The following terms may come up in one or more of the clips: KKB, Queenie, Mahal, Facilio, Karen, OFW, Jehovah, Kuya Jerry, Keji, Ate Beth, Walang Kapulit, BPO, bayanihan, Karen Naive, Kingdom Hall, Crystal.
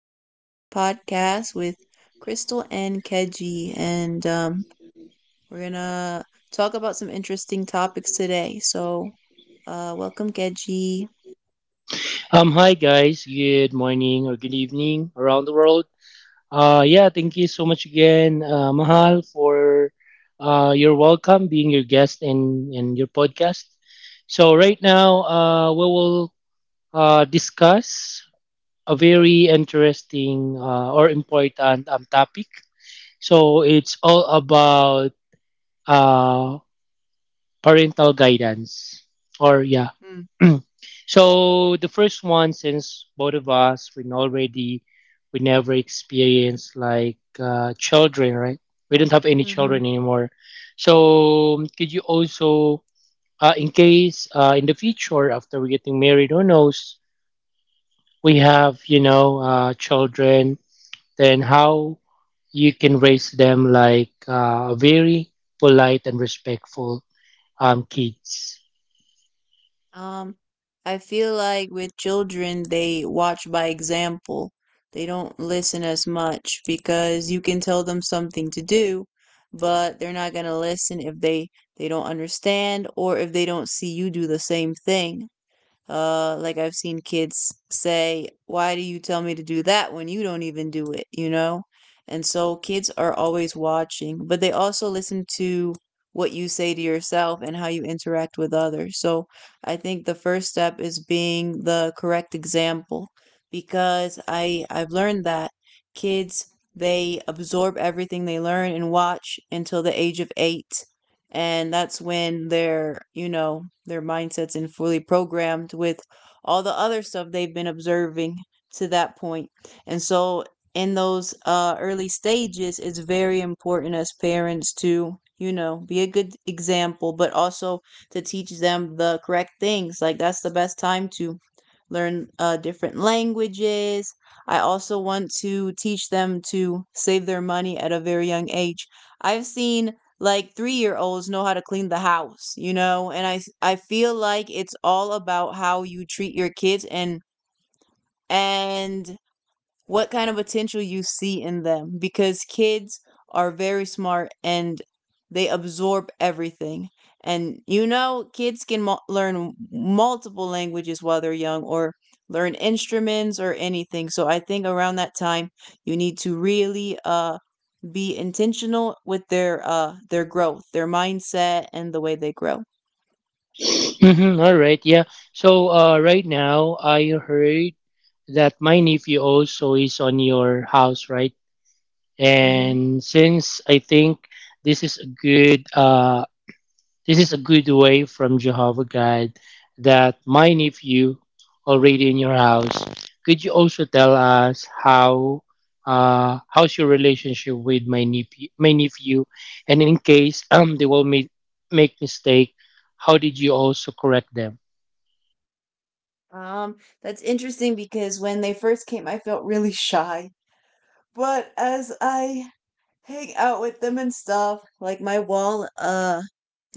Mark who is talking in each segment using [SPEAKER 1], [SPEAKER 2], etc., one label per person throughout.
[SPEAKER 1] another podcast with Crystal and Keji, and we're going to talk about some interesting topics today. So, welcome Keji.
[SPEAKER 2] Hi guys, good morning or good evening around the world. Yeah, thank you so much again, Mahal, for your welcome, being your guest in your podcast. So, right now, we will discuss a very interesting or important topic. So, it's all about uh, parental guidance or, yeah, so the first one, since both of us we never experienced like children, right? We don't have any
[SPEAKER 1] Mm-hmm.
[SPEAKER 2] children anymore. So could you also, in case in the future after we are getting married, who knows, we have children, then how you can raise them like very polite and respectful kids.
[SPEAKER 1] Um, I feel like with children they watch by example. They don't listen as much because you can tell them something to do, but they're not going to listen if they don't understand or if they don't see you do the same thing. Like I've seen kids say, "Why do you tell me to do that when you don't even do it? You know?" And so kids are always watching, but they also listen to what you say to yourself and how you interact with others. So I think the first step is being the correct example, because I've learned that kids, they absorb everything they learn and watch until the age of 8, and that's when their, you know, their mindsets and fully programmed with all the other stuff they've been observing to that point. And so in those early stages it's very important as parents to, you know, be a good example, but also to teach them the correct things. Like that's the best time to learn different languages. I also want to teach them to save their money at a very young age. I've seen like 3-year-olds know how to clean the house, you know? And I feel like it's all about how you treat your kids, and what kind of potential you see in them, because kids are very smart and they absorb everything. And you know, kids can learn multiple languages while they're young, or learn instruments or anything. So I think around that time, you need to really be intentional with their growth, their mindset, and the way they grow.
[SPEAKER 2] Mhm, all right, yeah. So right now, I heard that my nephew also is on your house, right?
[SPEAKER 1] Mhm.
[SPEAKER 2] And since I think this is a good, uh, this is a good way from Jehovah God that my nephew already in your house. Could you also tell us how's your relationship with my nephew, and in case they will make mistake, how did you also correct them?
[SPEAKER 1] That's interesting because when they first came, I felt really shy. But as I hang out with them and stuff, like my wall,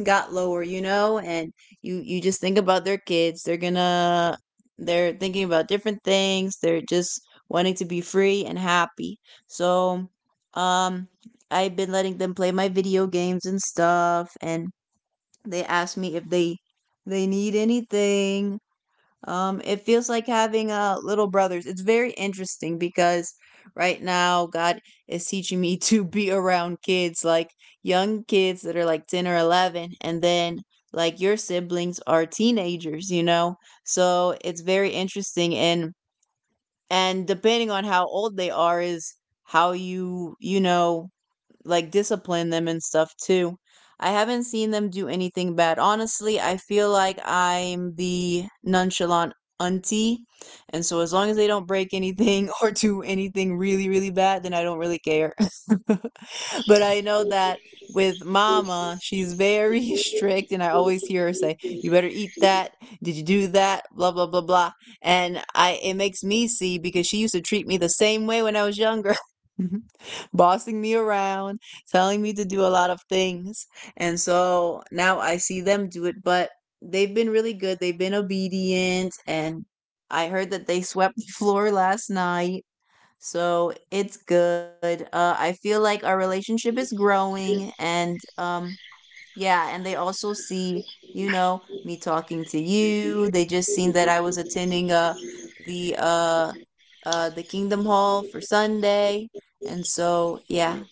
[SPEAKER 1] got lower, you know, and you just think about their kids. They're gonna, they're thinking about different things. They're just wanting to be free and happy. So, um, I've been letting them play my video games and stuff, and they asked me if they need anything. Um, it feels like having little brothers. It's very interesting because right now God is teaching me to be around kids, like young kids that are like 10 or 11, and then like your siblings are teenagers, you know? So it's very interesting, and depending on how old they are is how you, you know, like discipline them and stuff too. I haven't seen them do anything bad. Honestly, I feel like I'm the nonchalant auntie. And so as long as they don't break anything or do anything really, really bad, then I don't really care. But I know that with mama, she's very strict. And I always hear her say, "You better eat that. Did you do that? Blah, blah, blah, blah." And I it makes me see because she used to treat me the same way when I was younger. Bossing me around, telling me to do a lot of things. And so now I see them do it, but they've been really good. They've been obedient. And I heard that they swept the floor last night. So it's good. I feel like our relationship is growing. And yeah, and they also see, you know, me talking to you. They just seen that I was attending the uh, the Kingdom Hall for Sunday. And so, yeah,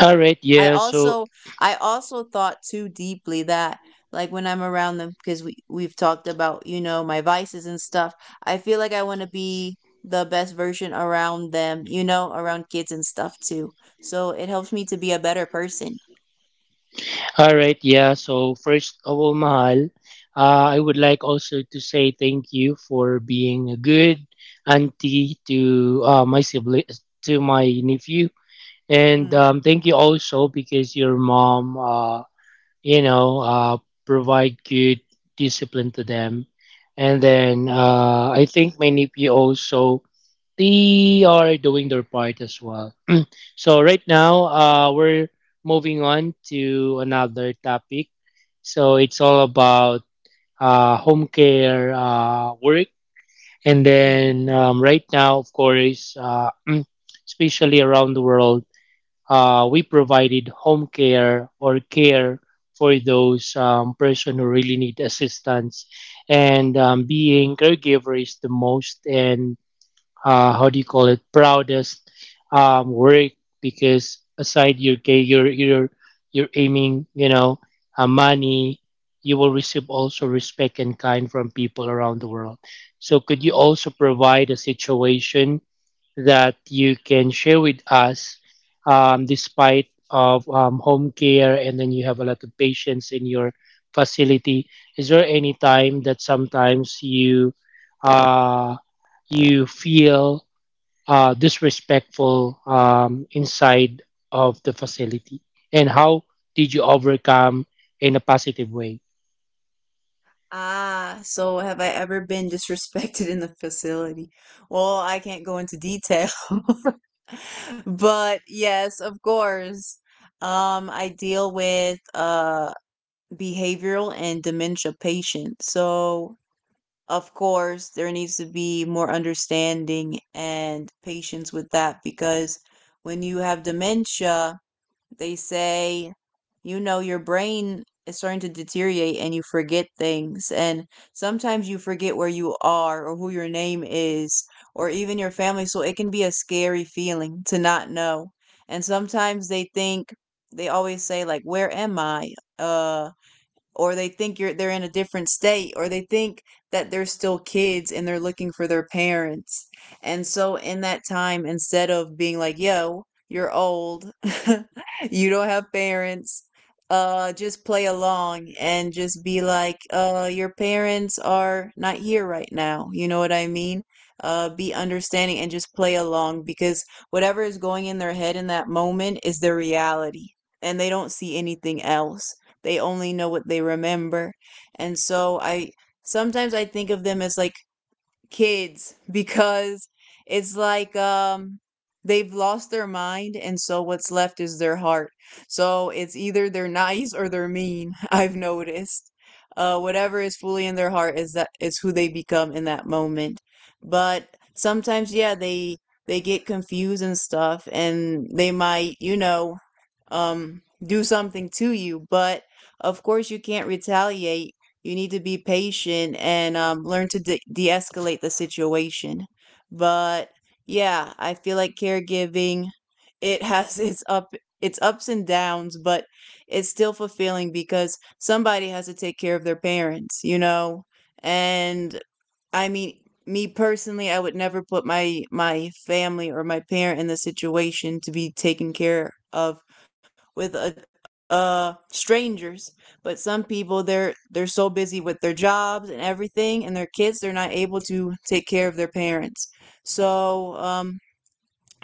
[SPEAKER 2] All right,
[SPEAKER 1] I
[SPEAKER 2] yeah. So,
[SPEAKER 1] also I also thought too deeply that, like when I'm around them, because we've talked about, you know, my vices and stuff. I feel like I want to be the best version around them, you know, around kids and stuff too. So it helps me to be a better person.
[SPEAKER 2] all right, yeah. So, first of all, Mahal, I would like also to say thank you for being a good auntie to my sibling, to my nephew, and
[SPEAKER 1] Mm,
[SPEAKER 2] thank you also because your mom, you know, uh, provide good discipline to them, and then I think my nephew also they are doing their part as well. So right now, we're moving on to another topic. So it's all about home care work, and
[SPEAKER 1] mm,
[SPEAKER 2] then right now, of course, especially around the world, we provided home care or care for those person who really need assistance, and being caregiver is the most and how do you call it proudest work because aside your pay you're aiming money you will receive also respect and kind from people around the world. So could you
[SPEAKER 1] mm.
[SPEAKER 2] also provide a situation that you can share with us despite of home care and then you have a lot of patients in your facility. Is there any time that sometimes uh, you feel disrespectful inside of the facility, and how did you overcome in a positive way?
[SPEAKER 1] Ah, so have I ever been disrespected in the facility? Well, I can't go into detail. But yes, of course. I deal with behavioral and dementia patients. So, of course, there needs to be more understanding and patience with that, because when you have dementia, they say, you know, your brain is starting to deteriorate and you forget things. And sometimes you forget where you are or who your name is, or even your family. So it can be a scary feeling to not know. And sometimes they think, they always say, like, where am I? Uh, or they think you're, they're in a different state, or they think that they're still kids and they're looking for their parents. And so in that time, instead of being like, "Yo, you're old. You don't have parents," just play along and just be like, "Uh, your parents are not here right now." You know what I mean? Be understanding and just play along, because whatever is going in their head in that moment is their reality, and they don't see anything else. They only know what they remember. And so I sometimes I think of them as like kids, because it's like, um, they've lost their mind and so what's left is their heart. So it's either they're nice or they're mean, I've noticed. Uh, whatever is fully in their heart is that is who they become in that moment. But sometimes, yeah, they get confused and stuff and they might, you know, um, do something to you, but of course you can't retaliate. You need to be patient and learn to de-escalate the situation. But yeah, I feel like caregiving, it has its ups and downs, but it's still fulfilling because somebody has to take care of their parents, you know. And I mean, me personally, I would never put my family or my parent in the situation to be taken care of with a, uh, strangers. But some people, they're so busy with their jobs and everything and their kids, they're not able to take care of their parents. So, um,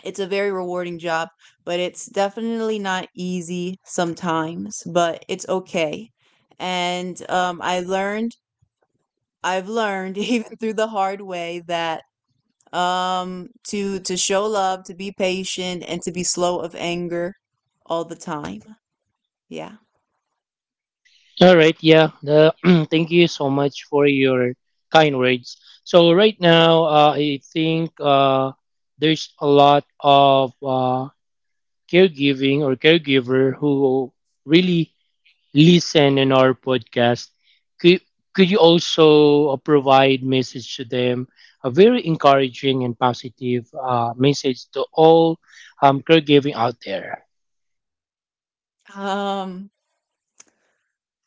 [SPEAKER 1] it's a very rewarding job, but it's definitely not easy sometimes, but it's okay. And um, I've learned even through the hard way that, um, to show love, to be patient, and to be slow of anger all the time. Yeah.
[SPEAKER 2] All right, yeah. Thank you so much for your kind words. So right now, I think there's a lot of caregiving or caregiver who really listen in our podcast. Could could you also provide message to them, a very encouraging and positive message to all caregiving out there?
[SPEAKER 1] Um,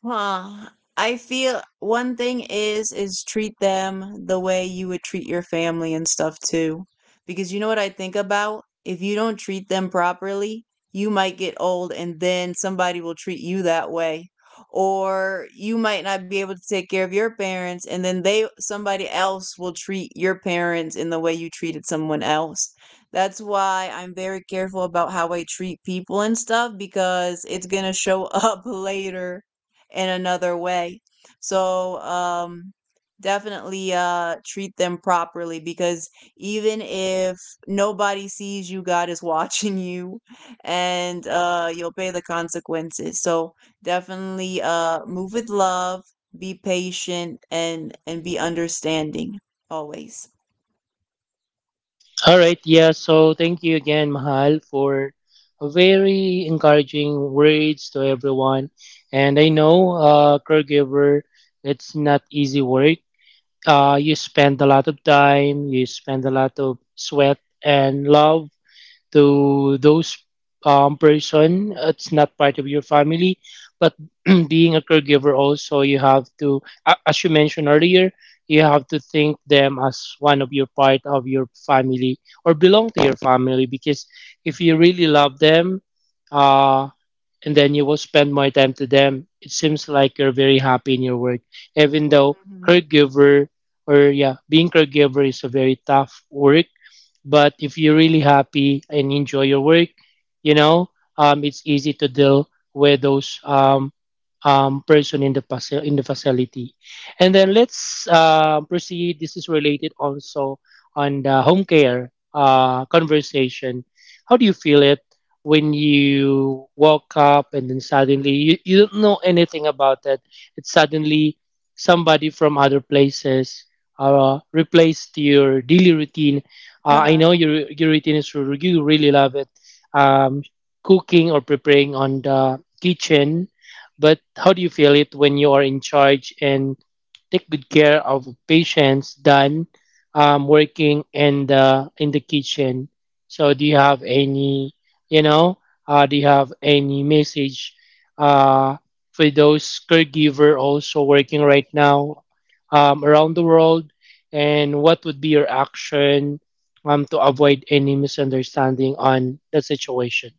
[SPEAKER 1] huh. I feel one thing is treat them the way you would treat your family and stuff too. Because you know what I think about? If you don't treat them properly, you might get old and then somebody will treat you that way. Or you might not be able to take care of your parents, and then they somebody else will treat your parents in the way you treated someone else. That's why I'm very careful about how I treat people and stuff, because it's going to show up later in another way. So, definitely treat them properly, because even if nobody sees you, God is watching you, and you'll pay the consequences. So, definitely move with love, be patient, and be understanding always.
[SPEAKER 2] All right, yeah. So thank you again, Mahal, for very encouraging words to everyone. And I know, caregiver, it's not easy work. You spend a lot of time, you spend a lot of sweat and love to those person it's not part of your family, but being a caregiver also you have to as you mentioned earlier you have to think them as one of your part of your family or belong to your family because if you really love them uh, and then you will spend more time to them it seems like you're very happy in your work even though
[SPEAKER 1] Mhm.
[SPEAKER 2] caregiver or yeah being caregiver is a very tough work, but if you're really happy and enjoy your work, you know, it's easy to deal with those person in the faci- in the facility. And then let's proceed. This is related also on the home care conversation. How do you feel it when you woke up and then suddenly you don't know anything about it? It's suddenly somebody from other places replaced your daily routine. I know your routine is you really love it. Um, Cooking or preparing on the kitchen, but how do you feel it when you are in charge and take good care of patients than working in the kitchen? So you know, do you have any message uh, for those caregiver also working right now around the world? And what would be your action to avoid any misunderstanding on the situation?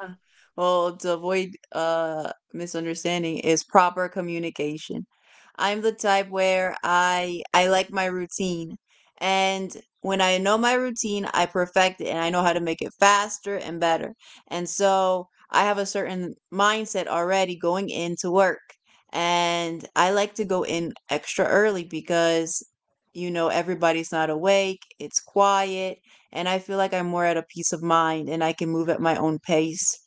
[SPEAKER 1] Yeah. Well, to avoid misunderstanding is proper communication. I'm the type where I like my routine. And when I know my routine, I perfect it and I know how to make it faster and better. And so I have a certain mindset already going into work. And I like to go in extra early, because you know, everybody's not awake, it's quiet, and I feel like I'm more at a peace of mind and I can move at my own pace.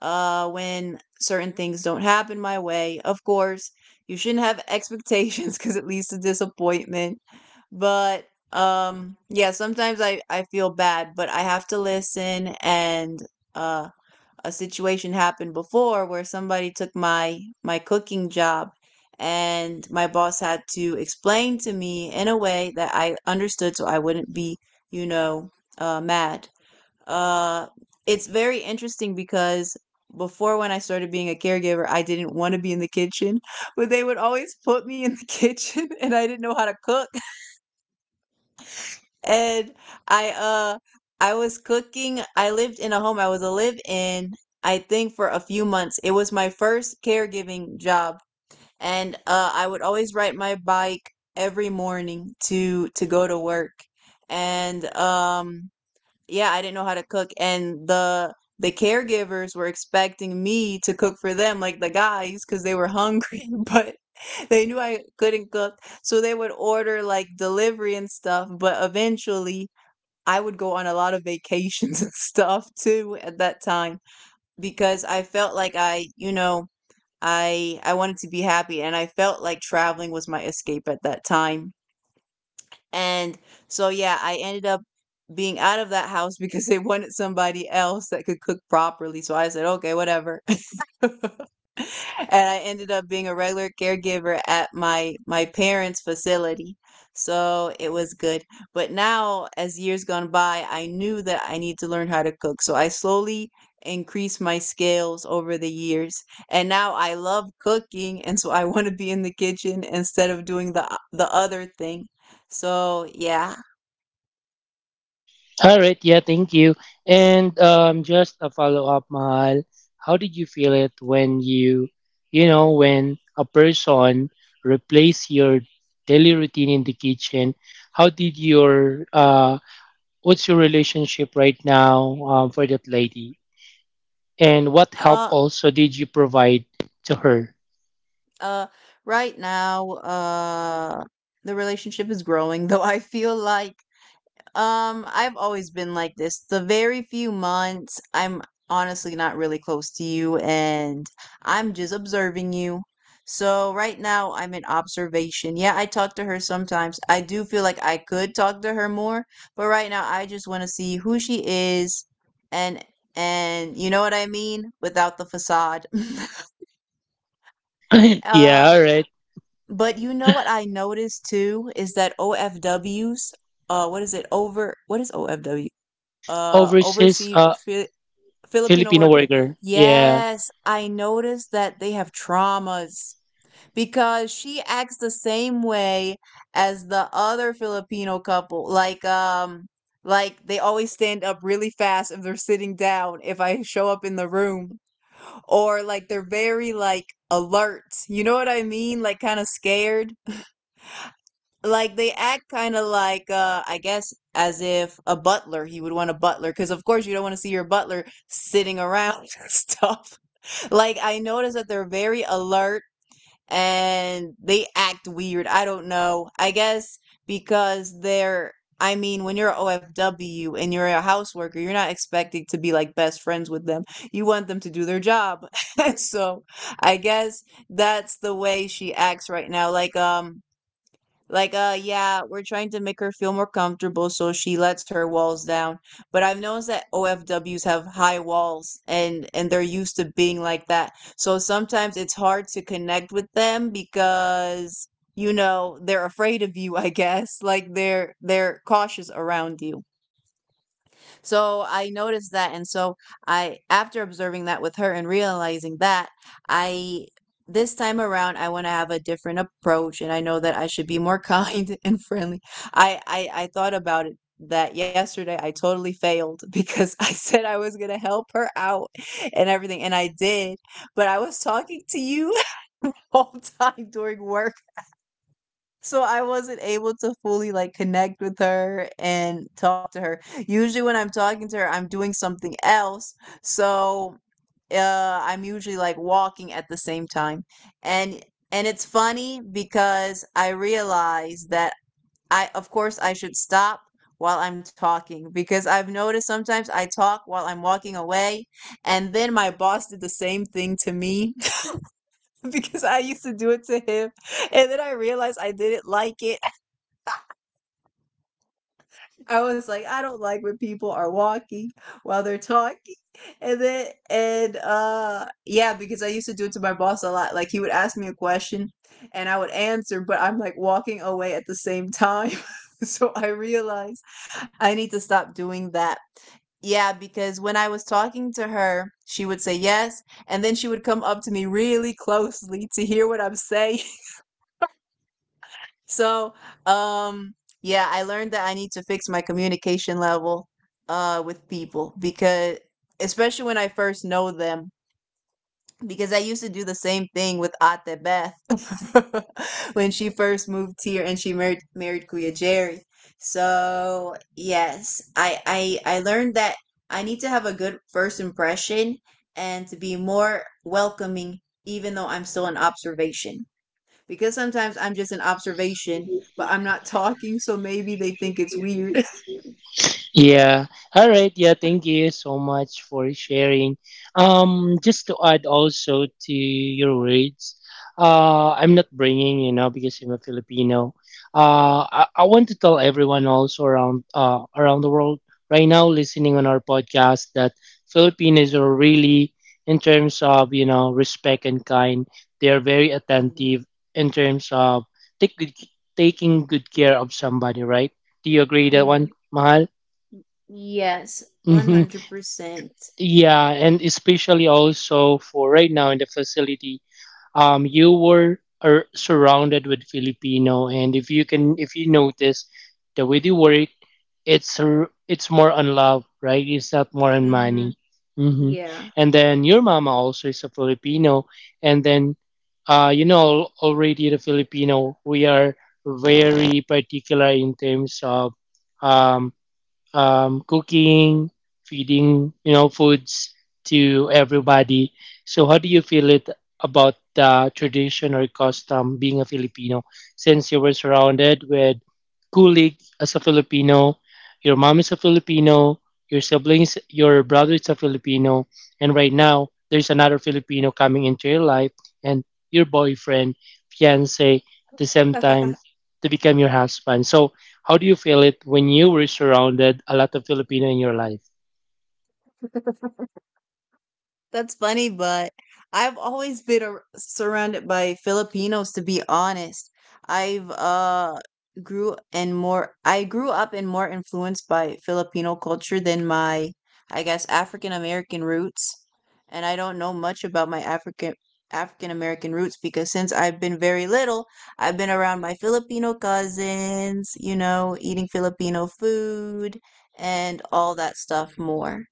[SPEAKER 1] When certain things don't happen my way, of course, you shouldn't have expectations, because it leads to disappointment. But yeah, sometimes I feel bad, but I have to listen. And uh, a situation happened before where somebody took my cooking job. And my boss had to explain to me in a way that I understood, so I wouldn't be, you know, mad. Uh, it's very interesting because before, when I started being a caregiver, I didn't want to be in the kitchen, but they would always put me in the kitchen and I didn't know how to cook. And I uh I was cooking. I lived in a home. I was a live in, I think, for a few months. It was my first caregiving job, and uh, I would always ride my bike every morning to go to work. And um, yeah, I didn't know how to cook and the caregivers were expecting me to cook for them like the guys, cuz they were hungry, but they knew I couldn't cook. So they would order like delivery and stuff, but eventually I would go on a lot of vacations and stuff too at that time because I felt like I wanted to be happy and I felt like traveling was my escape at that time. And so, yeah, I ended up being out of that house because they wanted somebody else that could cook properly. So I said, "Okay, whatever." And I ended up being a regular caregiver at my parents' facility. So it was good. But now, as years gone by, I knew that I need to learn how to cook. So I slowly increased my skills over the years. And now I love cooking, and so I want to be in the kitchen instead of doing the other thing. So, yeah,
[SPEAKER 2] All right, yeah, thank you. And just a follow up, Mahal. How did you feel it when when a person replace your daily routine in the kitchen? How did your What's your relationship right now for that lady? And what help
[SPEAKER 1] Uh,
[SPEAKER 2] also did you provide to her?
[SPEAKER 1] uh, right now, the relationship is growing, though I feel like, I've always been like this. The very few months, I'm honestly not really close to you, and I'm just observing you. So right now, I'm in observation. Yeah, I talk to her sometimes. I do feel like I could talk to her more, but right now, I just want to see who she is, and and you know what I mean, without the facade.
[SPEAKER 2] Yeah,
[SPEAKER 1] uh
[SPEAKER 2] all right.
[SPEAKER 1] But you know what I noticed too is that OFWs, what is it? Over, what is OFW?
[SPEAKER 2] Overseas
[SPEAKER 1] Overseas Filipino
[SPEAKER 2] Filipino
[SPEAKER 1] worker.
[SPEAKER 2] worker. Yeah.
[SPEAKER 1] Yes, I noticed that they have traumas because she acts the same way as the other Filipino couple. Like they always stand up really fast if they're sitting down. If I show up in the room, or like they're very like alert. You know what I mean? Like kind of scared, like they act kind of like I guess as if a butler, he would want a butler because of course you don't want to see your butler sitting around and stuff. Like I notice that they're very alert and they act weird. I don't know, I guess because they're, I mean, when you're OFW and you're a house worker, you're not expecting to be like best friends with them. You want them to do their job. So I guess that's the way she acts right now. Like, yeah, we're trying to make her feel more comfortable so she lets her walls down. But I've noticed that OFWs have high walls and they're used to being like that. So sometimes it's hard to connect with them because you know, they're afraid of you, I guess. Like they're cautious around you. So I noticed that. And so after observing that with her and realizing that, I, this time around, I want to have a different approach and I know that I should be more kind and friendly. I thought about it that yesterday I totally failed because I said I was going to help her out and everything. And I did, but I was talking to you. All time during work, so I wasn't able to fully, like, connect with her and talk to her. Usually when I'm talking to her, I'm doing something else, so, I'm usually, like, walking at the same time, and and it's funny because I realize that I of course, I should stop while I'm talking because I've noticed sometimes I talk while I'm walking away, and then my boss did the same thing to me because I used to do it to him, and then I realized I didn't like it. I was like, I don't like when people are walking while they're talking. And then and yeah, because I used to do it to my boss a lot. Like he would ask me a question and I would answer, but I'm like walking away at the same time. So I realized I need to stop doing that. Yeah, because when I was talking to her, she would say yes, and then she would come up to me really closely to hear what I'm saying. So, um, yeah, I learned that I need to fix my communication level with people because especially when I first know them, because I used to do the same thing with Ate Beth when she first moved here and she married Kuya Jerry. So, yes, I learned that I need to have a good first impression and to be more welcoming even though I'm still an observation, because sometimes I'm just an observation, but I'm not talking, so maybe they think it's weird.
[SPEAKER 2] Yeah. All right. Yeah. Thank you so much for sharing. Just to add also to your words, I'm not bringing, because I'm a Filipino. I want to tell everyone also around the world right now listening on our podcast that Filipinos are really, in terms of, respect and kind, they are very
[SPEAKER 1] Mhm.
[SPEAKER 2] attentive in terms of take good, taking good care of somebody, right? Do you agree that
[SPEAKER 1] Mm.
[SPEAKER 2] one, Mahal?
[SPEAKER 1] Yes,
[SPEAKER 2] hmm
[SPEAKER 1] 100%.
[SPEAKER 2] Yeah, and especially also for right now in the facility, you were are surrounded with Filipino, and if you notice the way they work, it's more on love, right? It's not more on
[SPEAKER 1] Mm-hmm.
[SPEAKER 2] money. hmm
[SPEAKER 1] Yeah.
[SPEAKER 2] And then your mama also is a Filipino, and then, already the Filipino, we are very particular in terms of, um, cooking, feeding, foods to everybody. So how do you feel it about the tradition or custom being a Filipino since you were surrounded with colleagues as a Filipino, your mom is a Filipino, your siblings, your brother is a Filipino, and right now there's another Filipino coming into your life and your boyfriend, fiance at the same time to become your husband. So how do you feel it when you were surrounded a lot of Filipino in your life?
[SPEAKER 1] That's funny, but I've always been surrounded by Filipinos to be honest. I've grew and more I grew up and more influenced by Filipino culture than my, I guess, African American roots. And I don't know much about my African American roots because since I've been very little, I've been around my Filipino cousins, you know, eating Filipino food and all that stuff more.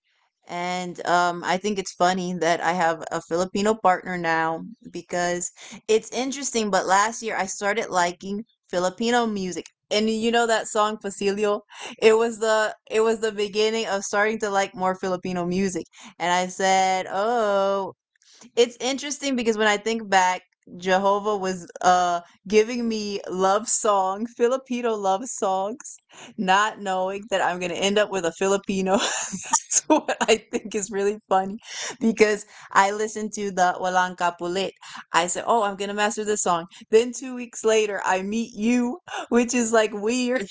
[SPEAKER 1] And I think it's funny that I have a Filipino partner now because it's interesting. But last year I started liking Filipino music. And you know that song Facilio? It was the beginning of starting to like more Filipino music. And I said, "Oh, it's interesting because when I think back, Jehovah was giving me love songs, Filipino love songs, not knowing that I'm gonna end up with a Filipino." That's what I think is really funny, because I listened to the Walang Kapulit. I said, "Oh, I'm gonna master this song." Then 2 weeks later, I meet you, which is like weird.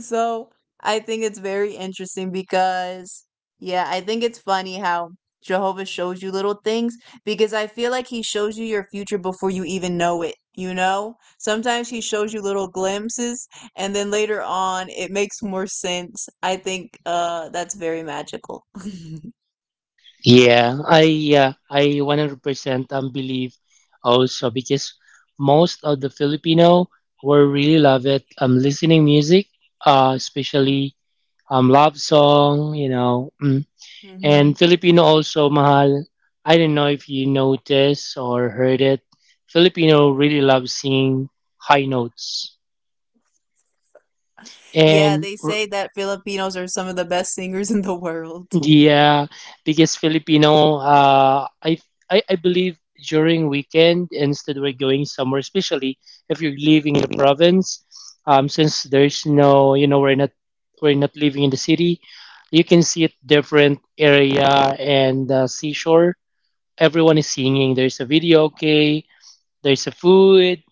[SPEAKER 1] So I think it's very interesting because, yeah, I think it's funny how Jehovah shows you little things, because I feel like he shows you your future before you even know it, you know? Sometimes he shows you little glimpses and then later on it makes more sense. I think that's very magical.
[SPEAKER 2] Yeah. I 100% believe also because most of the Filipino were really love it listening music, especially love song. Mm. And
[SPEAKER 1] Hmm.
[SPEAKER 2] Filipino also mahal. I don't know if you notice or heard it. Filipino really love singing high notes.
[SPEAKER 1] Yeah,
[SPEAKER 2] And
[SPEAKER 1] they
[SPEAKER 2] r-
[SPEAKER 1] say that Filipinos are some of the best singers in the world.
[SPEAKER 2] Yeah, because Filipino, I believe during weekend instead we're going somewhere, especially if you're living in the province, since there's no, you know, we're not living in the city, you can see it different area and seashore. Everyone is singing. There's a video, okay. There's a food.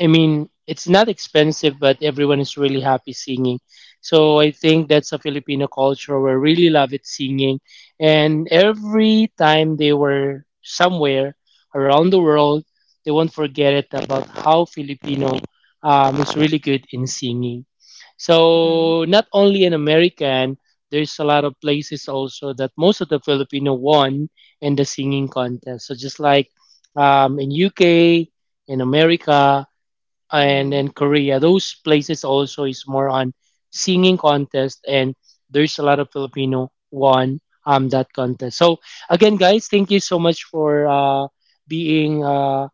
[SPEAKER 2] I mean, it's not expensive, but everyone is really happy singing. So I think that's a Filipino culture. We really love it singing. And every time they were somewhere around the world, they won't forget it about how Filipino is really good in singing. So not only in American, there's a lot of places also that most of the Filipino won in the singing contest. So just like in UK, in America, and
[SPEAKER 1] Mm-hmm.
[SPEAKER 2] in Korea, those places also is more on singing contest, and there's a lot of Filipino won that contest. So again, guys, thank you so much for being uh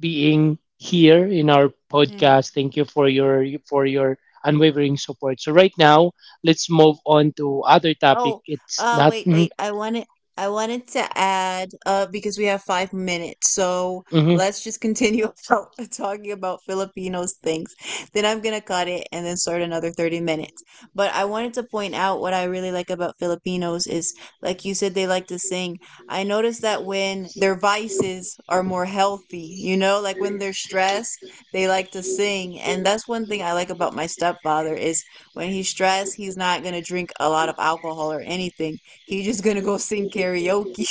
[SPEAKER 2] being here in our podcast. Thank you for your unwavering support. So right now, let's move on to other topic.
[SPEAKER 1] Oh,
[SPEAKER 2] It's not.
[SPEAKER 1] wait,
[SPEAKER 2] Mhm,
[SPEAKER 1] wait. I wanted to add, because we have 5 minutes, so
[SPEAKER 2] mhm.
[SPEAKER 1] let's just continue about talking about Filipinos things. Then I'm gonna cut it and then start another 30 minutes. But I wanted to point out what I really like about Filipinos is, like you said, they like to sing. I noticed that when their vices are more healthy, you know, like when they're stressed, they like to sing, and that's one thing I like about my stepfather is when he's stressed, he's not gonna drink a lot of alcohol or anything. He's just gonna go sing karaoke.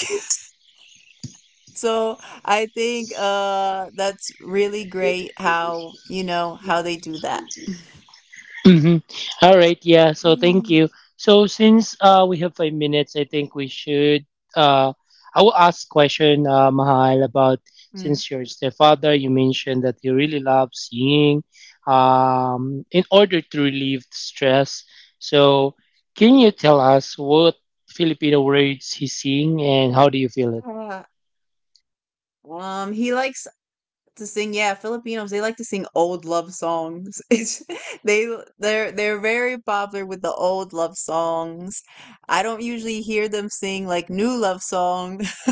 [SPEAKER 1] So I think that's really great how, you know, how they do that.
[SPEAKER 2] Mhm. All right. Yeah. So thank
[SPEAKER 1] Mm,
[SPEAKER 2] you. So since we have 5 minutes, I think we should. Uh, I will ask question Mahal about
[SPEAKER 1] mm.
[SPEAKER 2] since your stepfather, you mentioned that you really love singing, in order to relieve stress. So can you tell us what Filipino words he sing and how do you feel.
[SPEAKER 1] Uh, he likes to sing. Yeah, Filipinos, they like to sing old love songs. It's, they they're very popular with the old love songs. I don't usually hear them sing like new love song.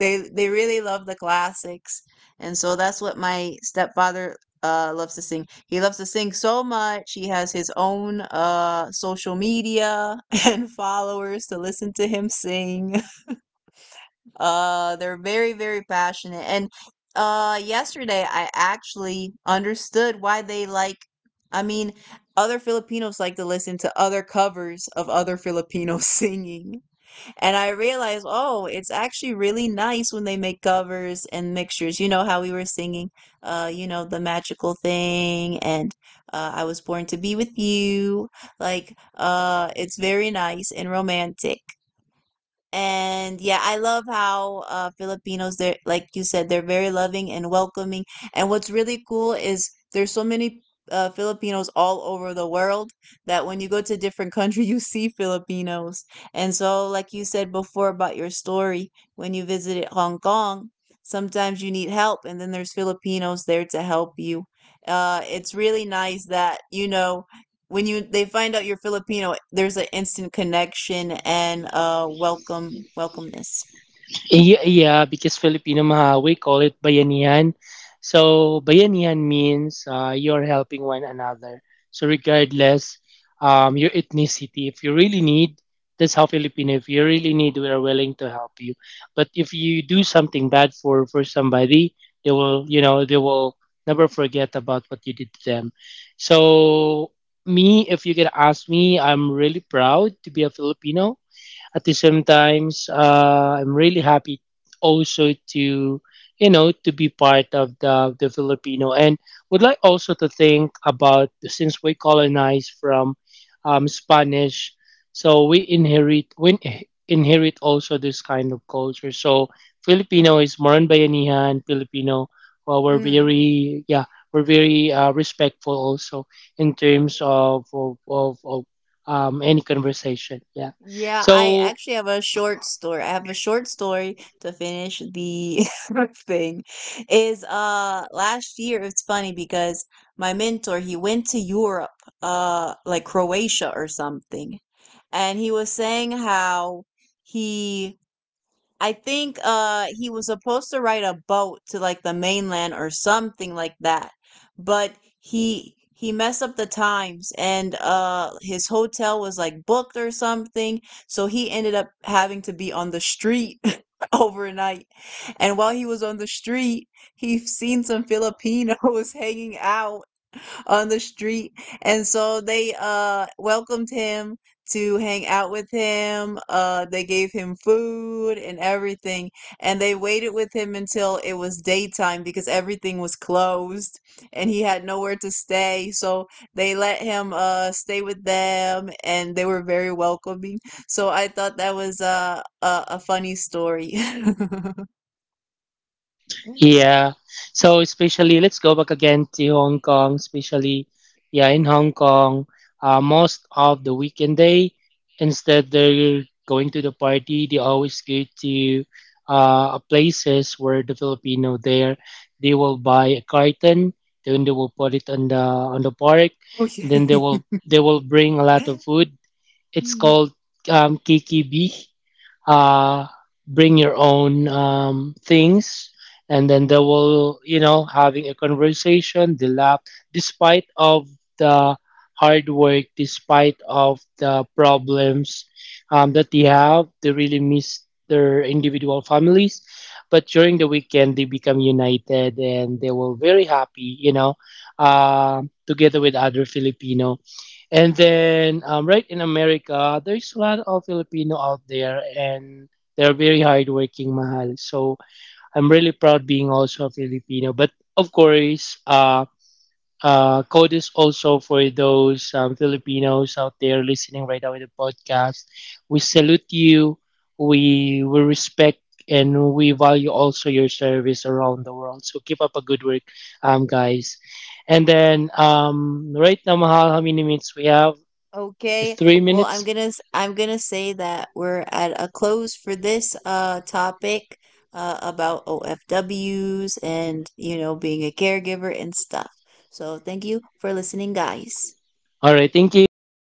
[SPEAKER 1] they really love the classics. And so that's what my stepfather loves to sing. He loves to sing so much he has his own social media and followers to listen to him sing. They're very, very passionate. And yesterday I actually understood why they like. I mean, other Filipinos like to listen to other covers of other Filipinos singing. And I realized, oh, it's actually really nice when they make covers and mixtures. You know how we were singing, you know, the magical thing, and I was born to be with you. Like, it's very nice and romantic. And yeah, I love how Filipinos, they're, like you said, they're very loving and welcoming. And what's really cool is there's so many Filipinos all over the world that when you go to a different country, you see Filipinos. And so, like you said before about your story, when you visited Hong Kong, sometimes you need help, and then there's Filipinos there to help you. It's really nice that, you know, when you they find out you're Filipino, there's an instant connection and welcomeness.
[SPEAKER 2] Yeah, yeah, because Filipino Maha, we call it bayanihan. So bayanihan means you're helping one another. So regardless your ethnicity, if you really need, that's how Filipino. If you really need, we are willing to help you. But if you do something bad for somebody, they will never forget about what you did to them. So me, if you can ask me, I'm really proud to be a Filipino at the same times I'm really happy also to to be part of the filipino and would like also to think about since we colonized from spanish so we inherit also this kind of culture so filipino is more on bayanihan filipino well, we're
[SPEAKER 1] Mm.
[SPEAKER 2] very yeah, we're very respectful also in terms of any conversation, yeah,
[SPEAKER 1] Yeah, I
[SPEAKER 2] so.
[SPEAKER 1] actually have a short story. I have a short story to finish the thing. Is last year, it's funny because my mentor, he went to Europe, like Croatia or something. And he was saying how he I think he was supposed to ride a boat to like the mainland or something like that. But he messed up the times and his hotel was like booked or something, so he ended up having to be on the street overnight. And while he was on the street, he seen some Filipinos hanging out on the street. And so they welcomed him to hang out with him. They gave him food and everything. And they waited with him until it was daytime because everything was closed and he had nowhere to stay. So they let him stay with them and they were very welcoming. So I thought that was a funny story.
[SPEAKER 2] Yeah. So especially let's go back again to Hong Kong, especially yeah, in Hong Kong, most of the weekend day, instead they're going to the party, they always go to places where the Filipino there they will buy a carton, then they will put it on the park, and then
[SPEAKER 1] Okay.
[SPEAKER 2] they will bring a lot of food. It's called KKB. uh, Bring your own things, and then they will having a conversation they laugh despite of the hard work despite of the problems that they have they really miss their individual families but during the weekend they become united and they were very happy uh, together with other Filipino. And then right in America, there's a lot of Filipino out there and they're very hardworking, mahal. So I'm really proud being also a Filipino. But of course, code is also for those Filipinos out there listening right now in the podcast. We salute you. We respect and we value also your service around the world. So keep up a good work, guys. And then right now, Mahal, how many minutes we have? It's
[SPEAKER 1] Okay.
[SPEAKER 2] three
[SPEAKER 1] Well,
[SPEAKER 2] minutes?
[SPEAKER 1] I'm gonna I'm gonna say that we're at a close for this topic about OFWs and you know being a caregiver and stuff. So thank you for listening, guys.
[SPEAKER 2] All right. Thank you, guys.